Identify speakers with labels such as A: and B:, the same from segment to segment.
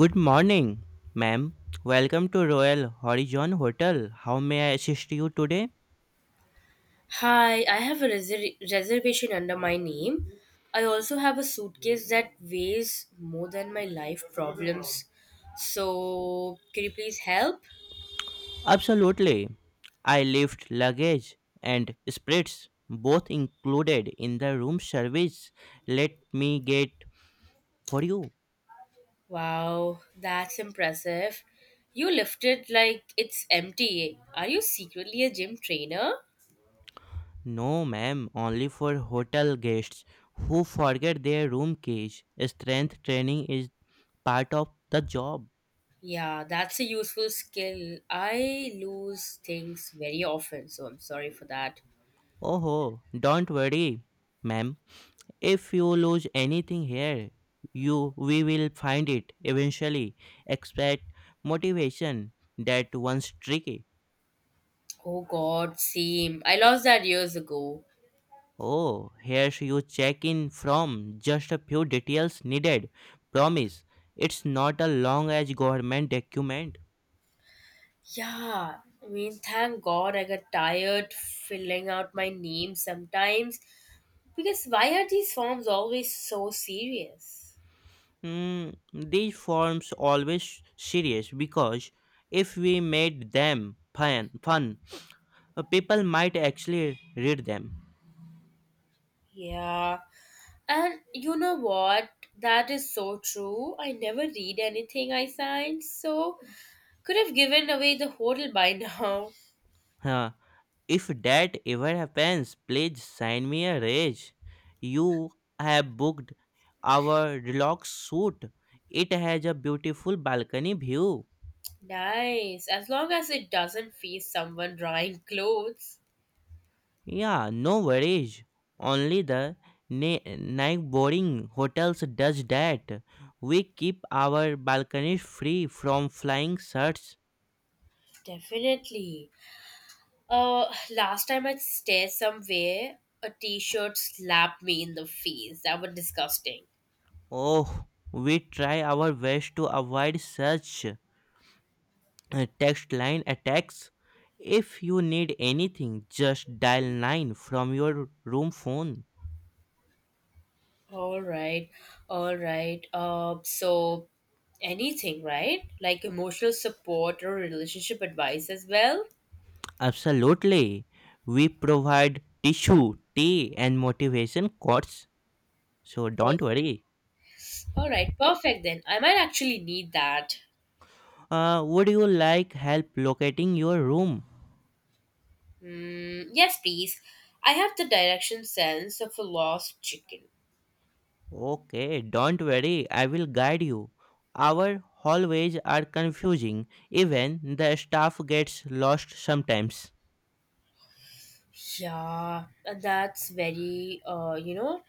A: Good morning, ma'am. Welcome to Royal Horizon Hotel. How may I assist you today?
B: Hi, I have a reservation under my name. I also have a suitcase that weighs more than my life problems. So, can you please help?
A: Absolutely. I left luggage and spreads both included in the room service. Let me get for you.
B: Wow, that's impressive. You lifted like it's empty. Are you secretly a gym trainer?
A: No, ma'am, only for hotel guests who forget their room keys. Strength training is part of the job.
B: Yeah, that's a useful skill. I lose things very often, so I'm sorry for that.
A: Oh, don't worry, ma'am. If you lose anything here, you we will find it eventually. Expect motivation that once tricky.
B: Oh god, same. I lost that years ago.
A: Oh, here's you check in from just a few details needed. Promise, it's not a long as government document.
B: Yeah, I mean, thank God I got tired filling out my name sometimes. Because why are these forms always so serious?
A: These forms always serious because if we made them people might actually read them.
B: Yeah, and you know what? That is so true. I never read anything I signed, so could have given away the hotel by now.
A: Huh. If that ever happens, please send me a rage. You have booked our deluxe suite. It has a beautiful balcony view.
B: Nice, as long as it doesn't face someone drying clothes.
A: Yeah, no worries. Only the night boarding hotels does that. We keep our balconies free from flying sharks.
B: Definitely. Last time I stayed somewhere, a t-shirt slapped me in the face. That was disgusting.
A: Oh, we try our best to avoid such. Text line attacks. If you need anything, just dial 9 from your room phone.
B: All right, all right. So anything, right? Like emotional support or relationship advice as well.
A: Absolutely. We provide tissue, tea, and motivation quotes. So don't
B: Perfect.
A: worry.
B: All right, perfect then. I might actually need that.
A: Would you like help locating your room?
B: Mm, yes, please. I have the direction sense of a lost chicken.
A: Okay, don't worry. I will guide you. Our hallways are confusing. Even the staff gets lost sometimes.
B: Yeah, and that's very,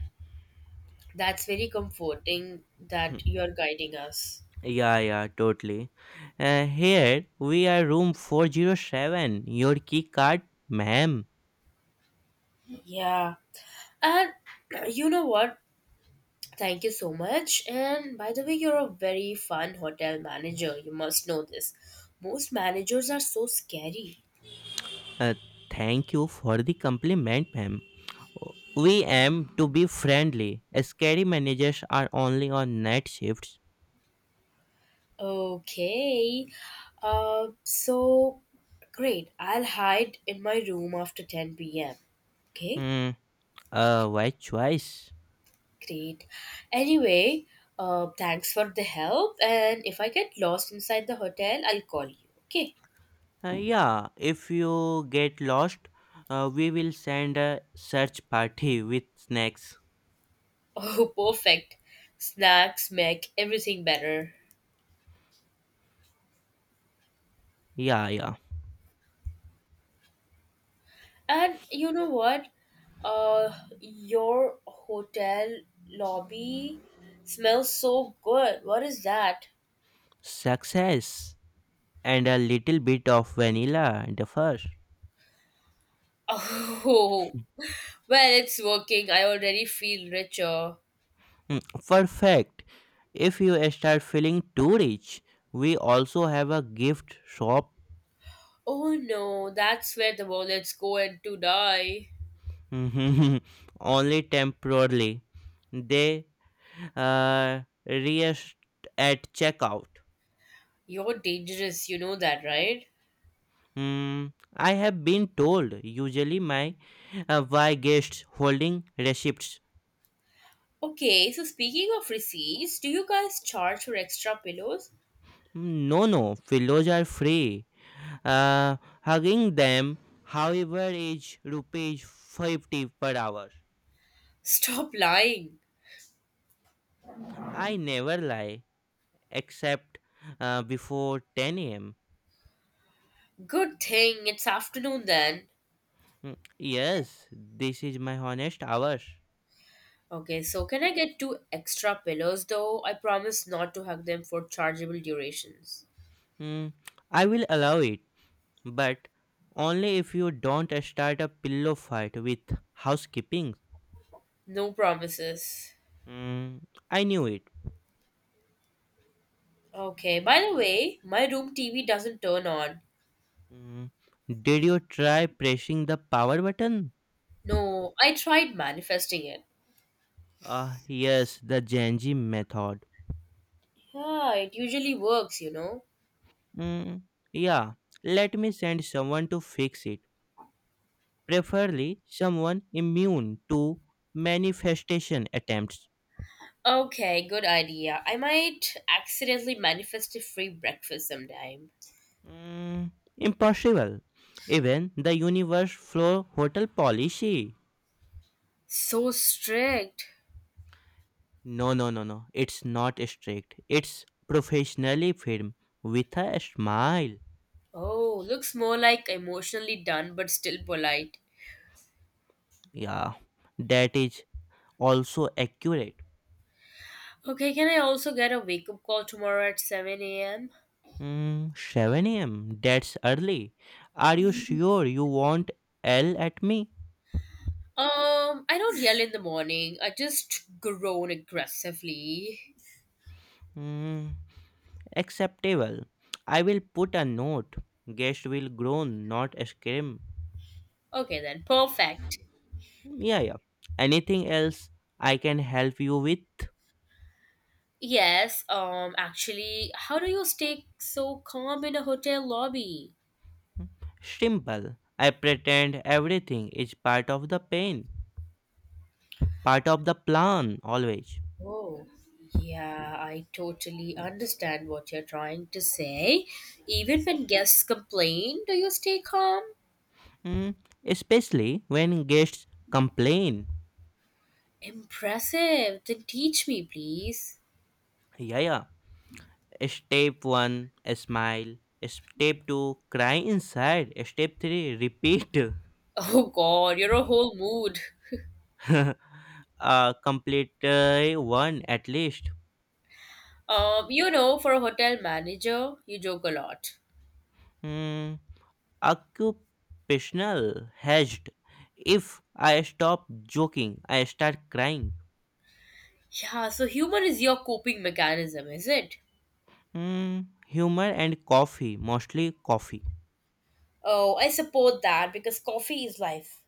B: that's very comforting that you're guiding us.
A: Yeah, yeah, totally. Here we are room 407. Your key card, ma'am.
B: Yeah. And you know what? Thank you so much. And by the way, you're a very fun hotel manager. You must know this. Most managers are so scary.
A: Uh, thank you for the compliment, ma'am. We aim to be friendly. Scary managers are only on night shifts.
B: Okay. So great. I'll hide in my room after 10 p.m. Okay,
A: Hmm, wise choice.
B: great. Anyway, thanks for the help. And if I get lost inside the hotel, I'll call you. Okay.
A: Yeah, if you get lost, we will send a search party with snacks.
B: Oh, perfect. Snacks make everything better.
A: Yeah, yeah.
B: And you know what? Uh, your hotel lobby smells so good. What is that?
A: Success and a little bit of vanilla, the first.
B: Oh, well, it's working. I already feel richer.
A: Mm, perfect. If you start feeling too rich, we also have a gift shop.
B: Oh no, that's where the wallets go and to die.
A: Only temporarily. They uh, reest at checkout.
B: You're dangerous, you know that, right?
A: Hmm, I have been told. Usually, my why guests holding receipts.
B: Okay, so speaking of receipts, do you guys charge for extra pillows?
A: No, no, pillows are free. Uh, hugging them, however, is rupees 50 per hour.
B: Stop lying.
A: I never lie, except before 10 a.m.
B: Good thing it's afternoon then.
A: Mm, yes, this is my honest hour.
B: Okay, so can I get two extra pillows though? I promise not to hug them for chargeable durations.
A: Mm, I will allow it, but only if you don't start a pillow fight with housekeeping.
B: No promises.
A: Mm, I knew it.
B: Okay, by the way, my room TV doesn't turn on.
A: Mm, did you try pressing the power button?
B: No, I tried manifesting it.
A: Yes, the Genji method.
B: Yeah, it usually works, you know.
A: Mm, yeah, let me send someone to fix it, preferably someone immune to manifestation attempts.
B: Okay, good idea. I might accidentally manifest a free breakfast sometime.
A: Mm, impossible. Even the universe floor hotel policy.
B: So strict.
A: No, no, no, no. It's not strict. It's professionally firm with a smile.
B: Oh, looks more like emotionally done but still polite.
A: Yeah, that is also accurate.
B: Okay, can I also get a wake up call tomorrow at 7 a.m.?
A: Mm, 7 a.m. That's early. Are you sure you won't L at me?
B: I don't yell in the morning. I just groan aggressively.
A: Mm, acceptable. I will put a note. Guest will groan, not scream.
B: Okay then, perfect.
A: Yeah, yeah. Anything else I can help you with?
B: Yes, actually, how do you stay so calm in a hotel lobby?
A: Simple. I pretend everything is part of the pain, part of the plan, always.
B: Oh, yeah, I totally understand what you're trying to say. Even when guests complain, do you stay calm?
A: Mm, especially when guests complain.
B: Impressive. Then teach me, please.
A: Yeah, yeah. Step 1, smile. Step 2, cry inside. Step 3, repeat.
B: Oh god, you're a whole mood.
A: Complete one at least.
B: For a hotel manager, you joke a lot.
A: Hmm, occupational hedged. If I stop joking, I start crying.
B: Yeah, so humor is your coping mechanism, is it?
A: Mm, humor and coffee, mostly coffee.
B: Oh, I support that because coffee is life.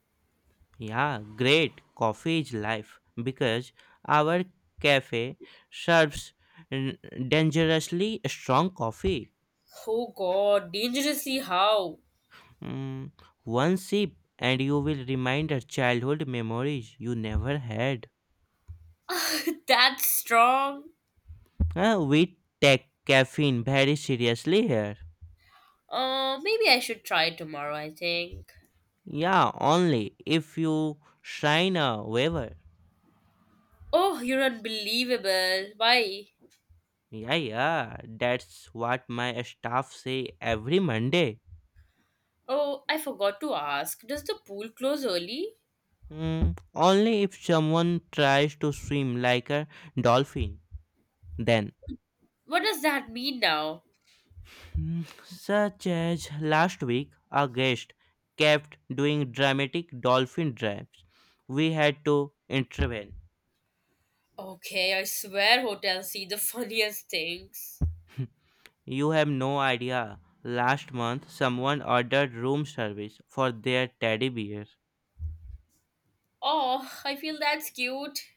A: Yeah, great. Coffee is life because our cafe serves n- dangerously strong coffee.
B: Oh god, dangerously how?
A: Mm, one sip and you will remind her childhood memories you never had.
B: That's strong.
A: We take caffeine very seriously here.
B: Maybe I should try tomorrow, I think.
A: Yeah, only if you sign a waiver.
B: Oh, you're unbelievable. Why?
A: Yeah, yeah, that's what my staff say every Monday.
B: Oh, I forgot to ask. Does the pool close early?
A: Mm, only if someone tries to swim like a dolphin. Then,
B: What does that mean now?
A: mm, such as last week, a guest kept doing dramatic dolphin dives. We had to intervene.
B: Okay, I swear hotels see the funniest things.
A: You have no idea. Last month, someone ordered room service for their teddy bear.
B: Oh, I feel that's cute.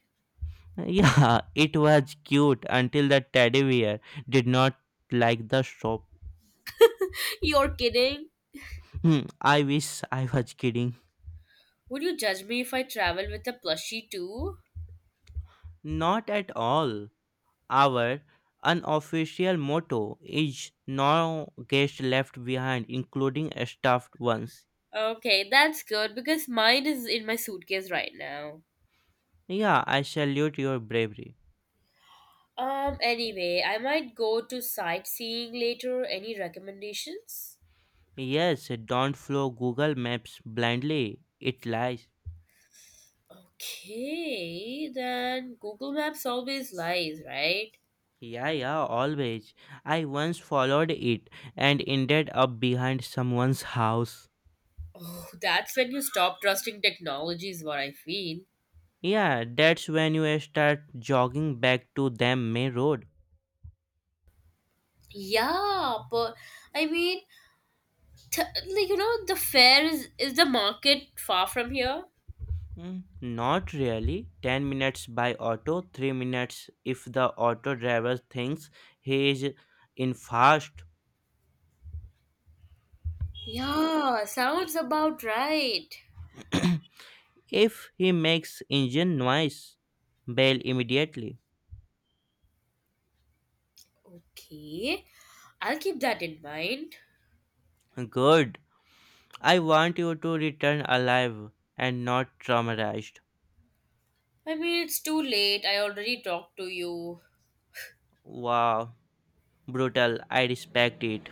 A: Yeah, it was cute until the teddy bear did not like the shop.
B: You're kidding.
A: Hmm, I wish I was kidding.
B: Would you judge me if I travel with a plushie too?
A: Not at all. Our unofficial motto is no guest left behind, including stuffed ones.
B: Okay, that's good because mine is in my suitcase right now.
A: Yeah, I salute your bravery.
B: Anyway, I might go to sightseeing later. Any recommendations?
A: Yes, don't follow Google Maps blindly. It lies.
B: Okay, then Google Maps always lies, right?
A: Yeah, yeah, always. I once followed it and ended up behind someone's house.
B: Oh, that's when you stop trusting technology, is what I feel.
A: Yeah, that's when you start jogging back to them main road.
B: Yeah, but I mean, like you know, the fair is the market far from here?
A: Mm, not really. 10 minutes by auto, 3 minutes if the auto driver thinks he is in fast.
B: Yeah, sounds about right.
A: If he makes engine noise, bail immediately.
B: Okay, I'll keep that in mind.
A: Good. I want you to return alive and not traumatized.
B: I mean, it's too late. I already talked to you.
A: Wow, brutal. I respect it.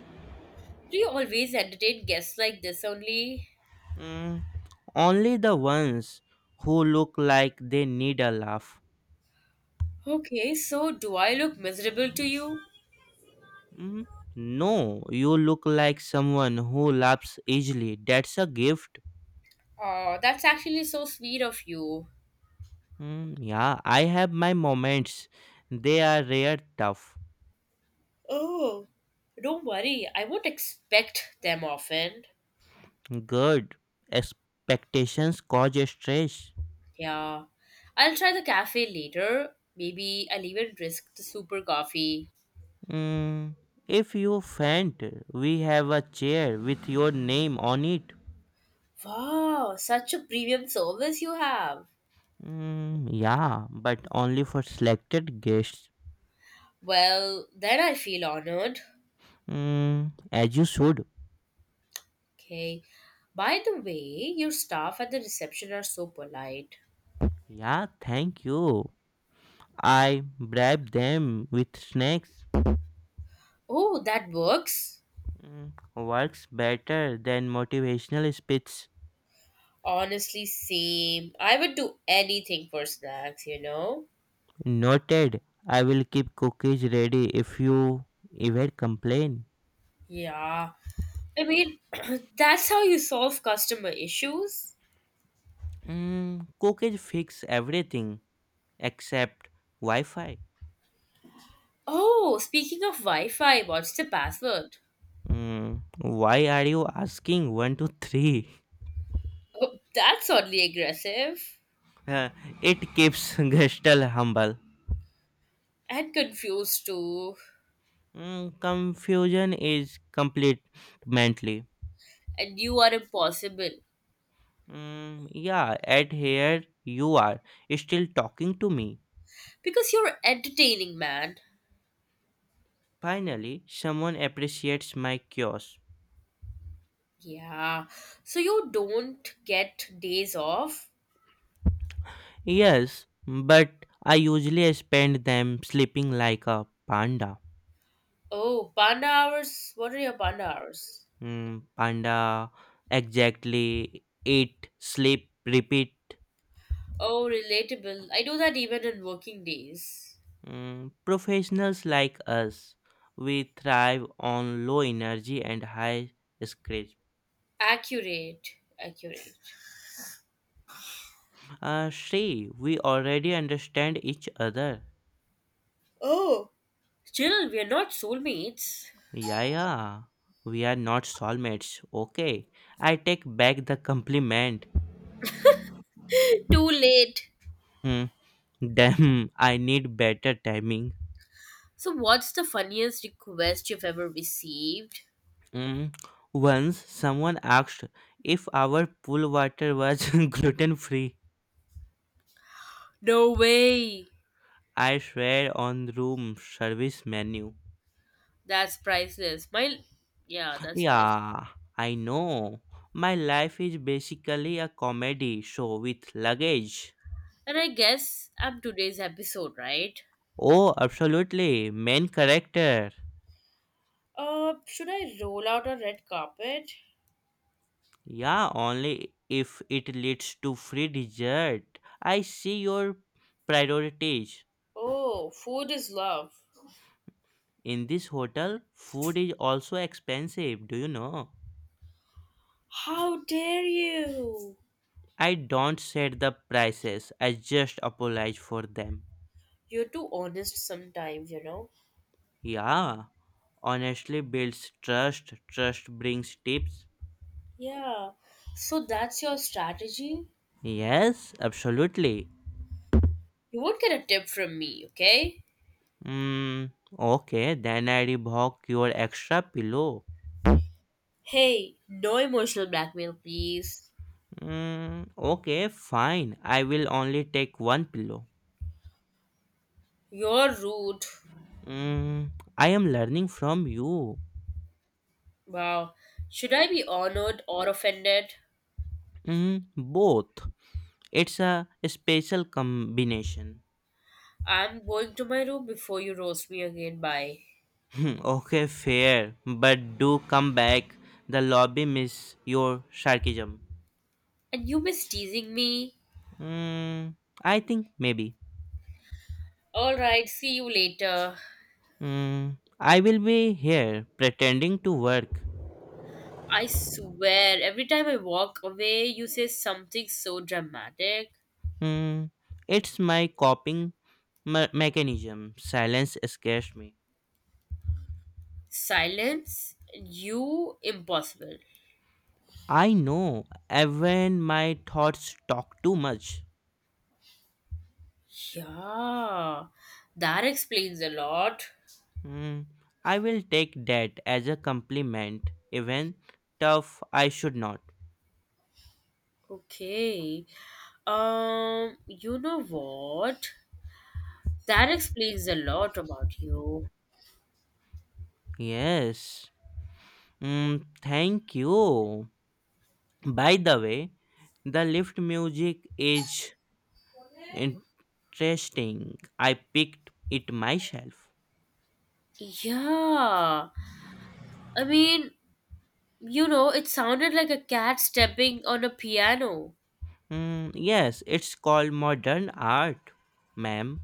B: Do you always entertain guests like this only?
A: Mm, only the ones who look like they need a laugh.
B: Okay, so do I look miserable to you?
A: Mm, no, you look like someone who laughs easily. That's a gift.
B: Oh, that's actually so sweet of you.
A: Mm, yeah, I have my moments. They are rare, tough.
B: Oh, don't worry. I won't expect them often.
A: Good. Expectations cause stress.
B: Yeah. I'll try the cafe later. Maybe I'll even risk the super coffee.
A: Mm, if you faint, we have a chair with your name on it.
B: Wow, such a premium service you have.
A: Mm, yeah, but only for selected guests.
B: Well, then I feel honored.
A: Mm, as you should.
B: Okay. By the way, your staff at the reception are so polite.
A: Yeah, thank you. I bribe them with snacks.
B: Oh, that works.
A: Mm, works better than motivational speeches.
B: Honestly, same. I would do anything for snacks, you know?
A: Noted. I will keep cookies ready if you ever complain.
B: Yeah. I mean, that's how you solve customer issues.
A: Mm, cookies fix everything except Wi-Fi.
B: Oh, speaking of Wi Fi, what's the password?
A: Mm, why are you asking one to three?
B: Oh, that's oddly aggressive
A: Uh, it keeps Gestalt humble.
B: and confused too.
A: Mm, confusion is complete mentally.
B: And you are impossible
A: Mm, yeah, at here you are still talking to me.
B: because you're entertaining, man.
A: Finally, someone appreciates my cures.
B: Yeah, so you don't get days off.
A: Yes, but I usually spend them sleeping like a panda.
B: Oh, panda hours. What are your panda hours?
A: Mm, panda exactly eat, sleep, repeat.
B: Oh, relatable. I do that even in working days.
A: Mm, professionals like us, we thrive on low energy and high scratch.
B: Accurate, accurate.
A: Shri, we already understand each other.
B: Chill, we are not soulmates.
A: Yeah, yeah. We are not soulmates. Okay. I take back the compliment.
B: Too late.
A: Hmm. Damn, I need better timing.
B: So, what's the funniest request you've ever received?
A: Mm, once someone asked if our pool water was gluten free.
B: No way.
A: I swear on room service menu.
B: That's priceless. That's priceless.
A: Yeah, I know. My life is basically a comedy show with luggage.
B: And I guess I'm today's episode, right?
A: Oh, absolutely. Main character.
B: Should I roll out a red carpet?
A: Yeah, only if it leads to free dessert. I see your priorities.
B: Oh, food is love.
A: In this hotel, food is also expensive, do you know?
B: How dare you?
A: I don't set the prices, I just apologize for them.
B: You're too honest sometimes, you know?
A: Yeah, honestly builds trust, trust brings tips.
B: Yeah. So that's your strategy?
A: Yes, absolutely.
B: You won't get a tip from me, okay?
A: Mm, okay, then I revoke your extra pillow.
B: Hey, no emotional blackmail, please.
A: Mm, okay, fine. I will only take one pillow.
B: You're rude.
A: Mm, I am learning from you.
B: Wow. Should I be honored or offended?
A: Mm, both. It's a special combination.
B: I'm going to my room before you roast me again. Bye.
A: Okay, fair, but do come back. The lobby miss your sarcasm.
B: And you miss teasing me?
A: Mm, I think maybe.
B: Alright, see you later.
A: Mm, I will be here pretending to work.
B: I swear, every time I walk away, you say something so dramatic.
A: Mm, it's my coping mechanism. Silence scares me.
B: Silence? You? Impossible.
A: I know when my thoughts talk too much.
B: Yeah, that explains a lot.
A: Mm, I will take that as a compliment, even tough I should not.
B: Okay. You know what? That explains a lot about you.
A: Yes. Mm, thank you. By the way, the lift music is interesting. I picked it myself.
B: Yeah. I mean, you know, it sounded like a cat stepping on a piano.
A: Mm, yes, it's called Modern Art, ma'am.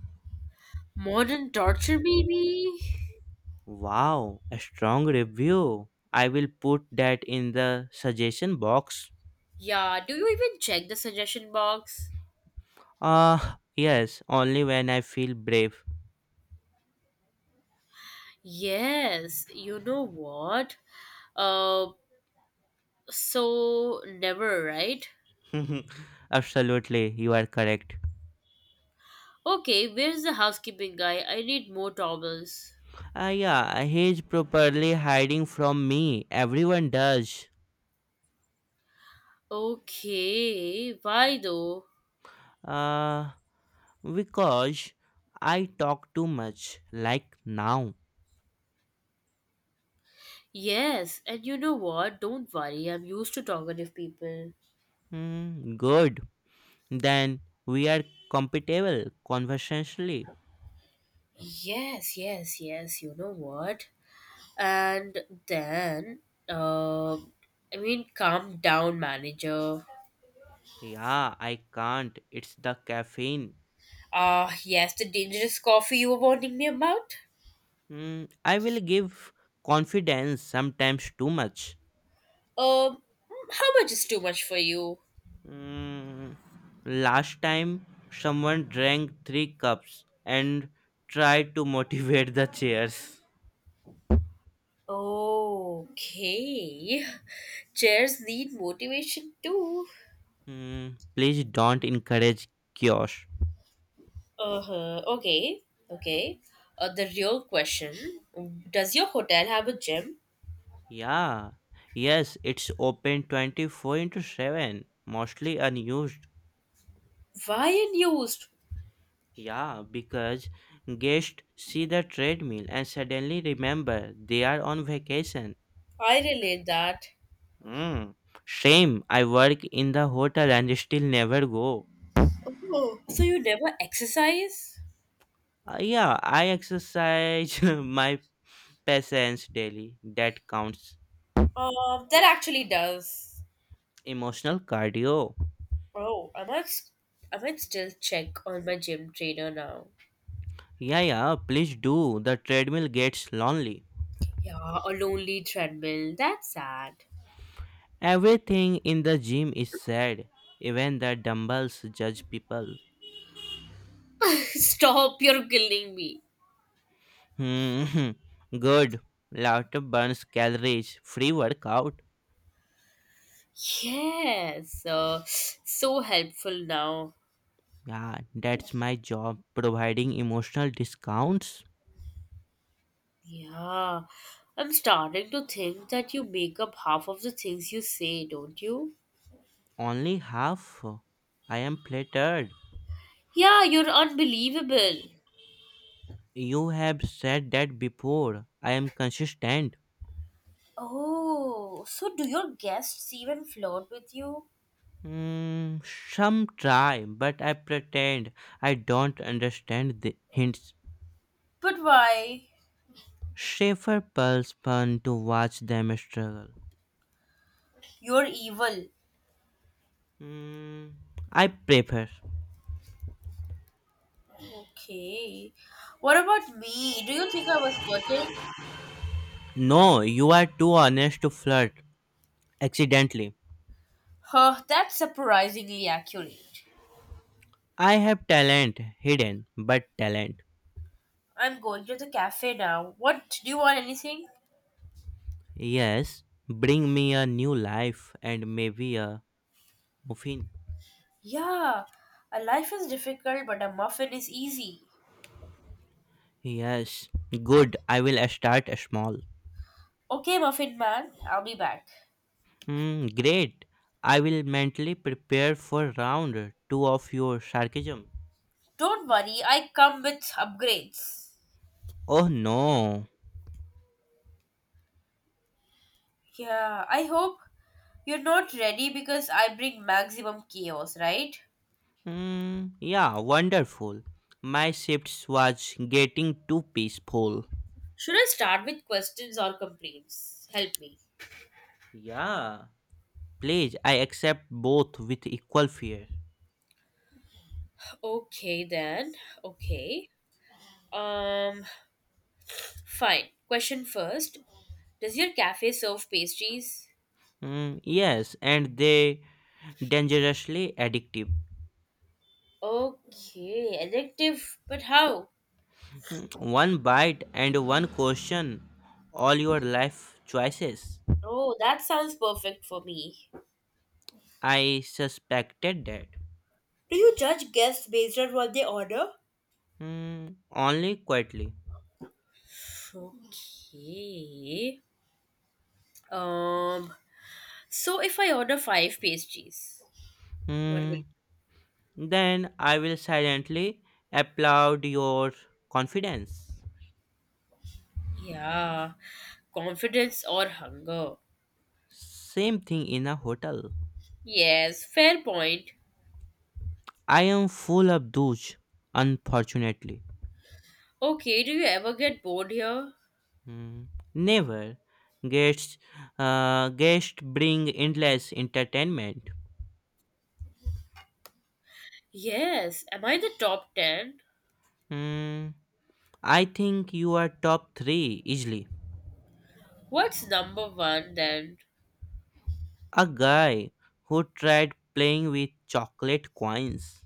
B: Modern torture, maybe?
A: Wow, a strong review. I will put that in the suggestion box.
B: Yeah, do you even check the suggestion box?
A: Ah, yes, only when I feel brave.
B: Yes, you know what? Uh, so never, right?
A: Absolutely, you are correct.
B: Okay, where's the housekeeping guy? I need more towels.
A: Ah, yeah, he's properly hiding from me. Everyone does.
B: Okay, why though?
A: Uh, because I talk too much, like now.
B: Yes, and you know what? Don't worry, I'm used to talkative people.
A: Hmm, good. Then we are compatible conversationally.
B: Yes, yes, yes, you know what? And then I mean calm down manager.
A: Yeah, I can't. It's the caffeine.
B: Ah yes the dangerous coffee you were warning me about.
A: Hmm, I will give confidence sometimes too much.
B: um how much is too much for you?
A: Mm, last time someone drank three cups and tried to motivate the chairs.
B: Okay, chairs need motivation too.
A: Mm, please don't encourage chaos.
B: Uh-huh, okay, okay, the real question, does your hotel have a gym?
A: Yeah, yes, it's open 24 into 7, mostly unused.
B: Why unused?
A: Yeah, because guests see the treadmill and suddenly remember they are on vacation.
B: I relate that.
A: Mm, shame, I work in the hotel and still never go.
B: Oh, so you never exercise?
A: Yeah, I exercise my patience daily. That counts.
B: That actually does.
A: Emotional cardio.
B: Oh, I must, I might still check on my gym trainer now.
A: Yeah, yeah, please do. The treadmill gets lonely.
B: Yeah, a lonely treadmill. That's sad.
A: Everything in the gym is sad. Even the dumbbells judge people.
B: Stop, you're killing me.
A: Hmm. Good. Laughter burns calories. Free workout.
B: Yes, so helpful now.
A: Yeah, that's my job. Providing emotional discounts.
B: Yeah, I'm starting to think that you make up half of the things you say, don't you?
A: Only half. I am flattered.
B: Yeah, you're unbelievable.
A: You have said that before. I am consistent.
B: Oh, so do your guests even flirt with you?
A: Mm, some try, but I pretend I don't understand the hints.
B: But why?
A: Schaefer pulls fun to watch them struggle.
B: You're evil.
A: Mm, I prefer.
B: Okay. What about me? Do you think I was flirting?
A: No, you are too honest to flirt accidentally.
B: Huh, that's surprisingly accurate.
A: I have talent hidden, but talent.
B: I'm going to the cafe now. What? Do you want anything?
A: Yes, bring me a new life and maybe a muffin.
B: Yeah, a life is difficult, but a muffin is easy.
A: Yes, good. I will start small.
B: Okay, muffin man, I'll be back.
A: Hmm, great. I will mentally prepare for round two of your sarcasm.
B: Don't worry, I come with upgrades.
A: Oh no.
B: Yeah, I hope you're not ready because I bring maximum chaos, right?
A: Hmm, yeah, wonderful. My shifts was getting too peaceful.
B: Should I start with questions or complaints? Help me.
A: Yeah. Please, I accept both with equal fear.
B: Okay, then. Okay. Um, Fine. Question first. Does your cafe serve pastries?
A: Hmm, yes, and they dangerously addictive.
B: Okay, addictive. But how?
A: Hmm, one bite and one question, all your life choices.
B: Oh, that sounds perfect for me.
A: I suspected that.
B: Do you judge guests based on what they order?
A: Hmm, only quietly.
B: Okay. Um, so if I order five pastries, what will?
A: Hmm, then I will silently applaud your confidence.
B: Yeah, confidence or hunger?
A: Same thing in a hotel.
B: Yes, fair point.
A: I am full of douche, unfortunately.
B: Okay, do you ever get bored here?
A: Hmm, never. Guests, Guests bring endless entertainment.
B: Yes. Am I the top ten?
A: Hmm. I think you are top three easily.
B: What's number one then?
A: A guy who tried playing with chocolate coins.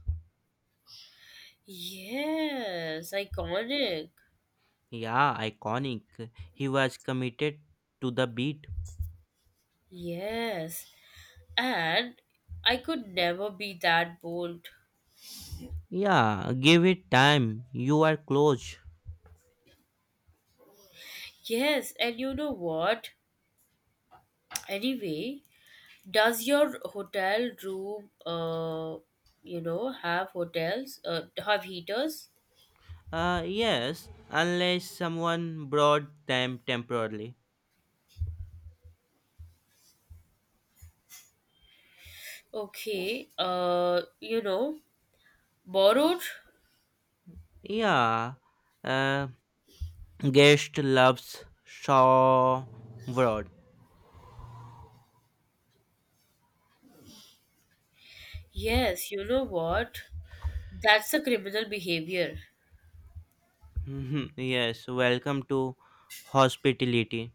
B: Yes, iconic.
A: Yeah, iconic. He was committed to the beat.
B: Yes, and I could never be that bold.
A: Yeah, give it time. You are close.
B: Yes, and you know what? Anyway, does your hotel room, have heaters?
A: Yes, unless someone brought them temporarily.
B: Okay, borrowed?
A: Yeah, uh, guest loves saw broad.
B: Yes, you know what? That's a criminal behavior.
A: Yes, welcome to hospitality.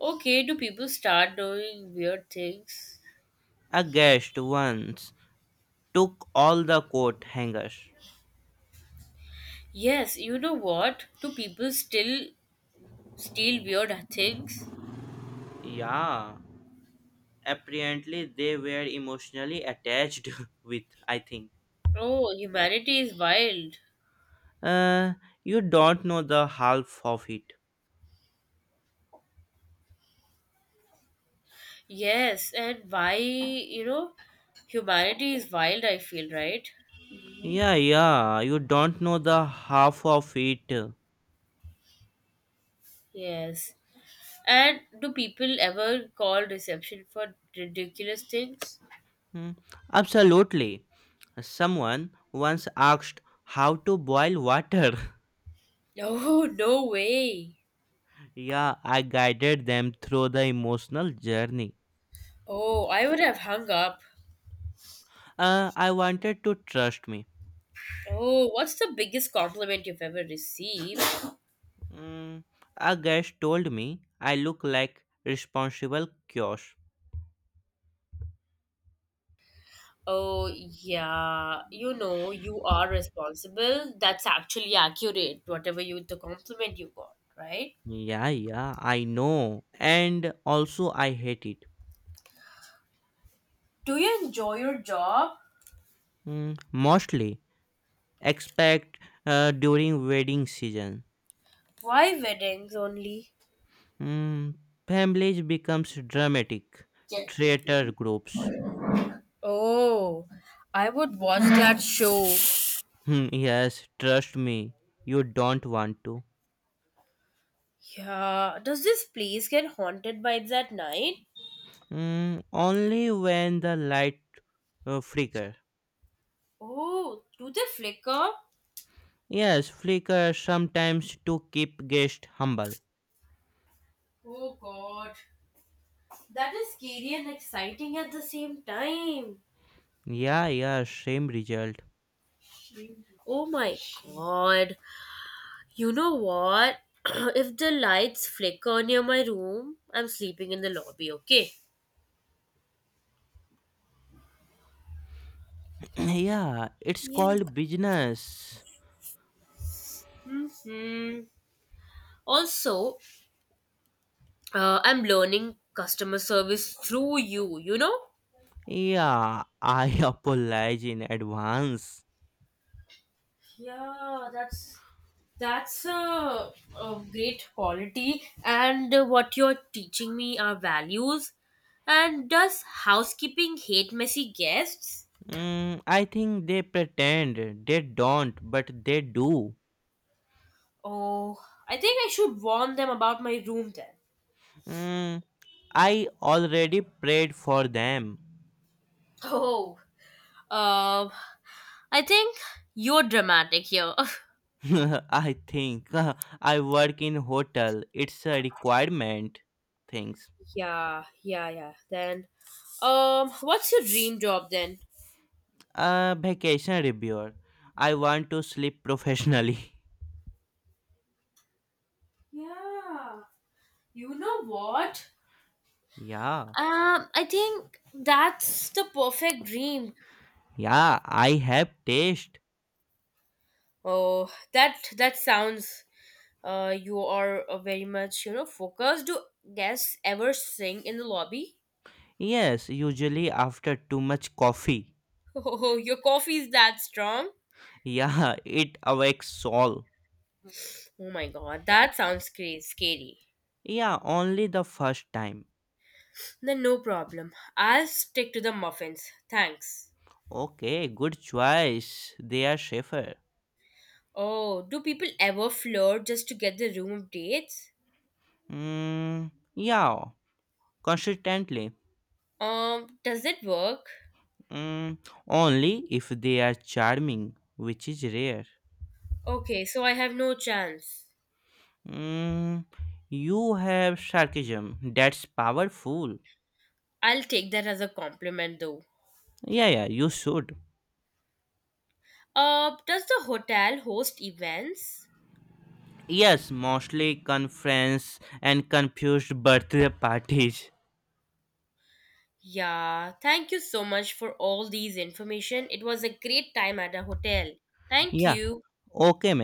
B: Okay, do people start doing weird things?
A: A guest once took all the coat hangers.
B: Yes, you know what? Do people still steal weird things?
A: Yeah, apparently they were emotionally attached with, I think.
B: Oh, humanity is wild.
A: Uh, you don't know the half of it.
B: Yes, and why, you know, humanity is wild, I feel, right?
A: Yeah, yeah, you don't know the half of it.
B: Yes. And do people ever call reception for ridiculous things?
A: Hmm, absolutely. Someone once asked how to boil water.
B: No, no way.
A: Yeah, I guided them through the emotional journey.
B: Oh, I would have hung up.
A: I wanted to trust me.
B: Oh, what's the biggest compliment you've ever received?
A: Mm, a guest told me I look like responsible kiosk.
B: Oh, yeah. You know, you are responsible. That's actually accurate, whatever you the compliment you got, right?
A: Yeah, yeah, I know. And also I hate it.
B: Do you enjoy your job?
A: Mm, mostly expect during wedding season.
B: Why weddings only?
A: Mm, families becomes dramatic.
B: Check, check, check.
A: Traitor groups.
B: Oh, I would watch that show.
A: Hmm, yes, trust me, you don't want to.
B: Yeah. Does this place get haunted vibes at night?
A: Mm, only when the light flicker.
B: Oh, do they flicker?
A: Yes, flicker sometimes to keep guest humble.
B: Oh god. That is scary and exciting at the same time.
A: Yeah, yeah, same result.
B: Oh my god. You know what? if the lights flicker near my room, I'm sleeping in the lobby, okay?
A: Yeah, it's
B: Yeah.
A: called business.
B: Hmm. Also, I'm learning customer service through you, you know?
A: Yeah, I apologize in advance.
B: Yeah, that's a, a great quality and what you're teaching me are values and does housekeeping hate messy guests.
A: Mm, I think they pretend they don't, but they do.
B: Oh, I think I should warn them about my room then.
A: Mm, I already prayed for them.
B: Oh. Um, I think you're dramatic here.
A: I think I work in hotel. It's a requirement. Things.
B: Yeah, yeah, yeah. Then, what's your dream job then?
A: A vacation reviewer. I want to sleep professionally.
B: Yeah, you know what?
A: Yeah,
B: I think that's the perfect dream.
A: yeah. I have taste.
B: Oh, that that sounds. You are very much you know focused. Do guests ever sing in the lobby?
A: Yes, usually after too much coffee.
B: Oh, your coffee is that strong?
A: Yeah, it awakes soul.
B: Oh my god, that sounds crazy, scary.
A: Yeah, only the first time.
B: Then no problem. I'll stick to the muffins. Thanks.
A: Okay, good choice. They are safer.
B: Oh, do people ever flirt just to get the room dates?
A: Mm, yeah. Consistently,
B: Does it work?
A: mm, only if they are charming, which is rare.
B: Okay, so I have no chance.
A: Mm, you have sarcasm, that's powerful.
B: I'll take that as a compliment though.
A: Yeah, yeah, you should.
B: Does the hotel host events?
A: Yes, mostly conference and confused birthday parties.
B: Yeah, thank you so much for all these information. It was a great time at the hotel. Thank
A: Yeah,
B: you.
A: okay, man.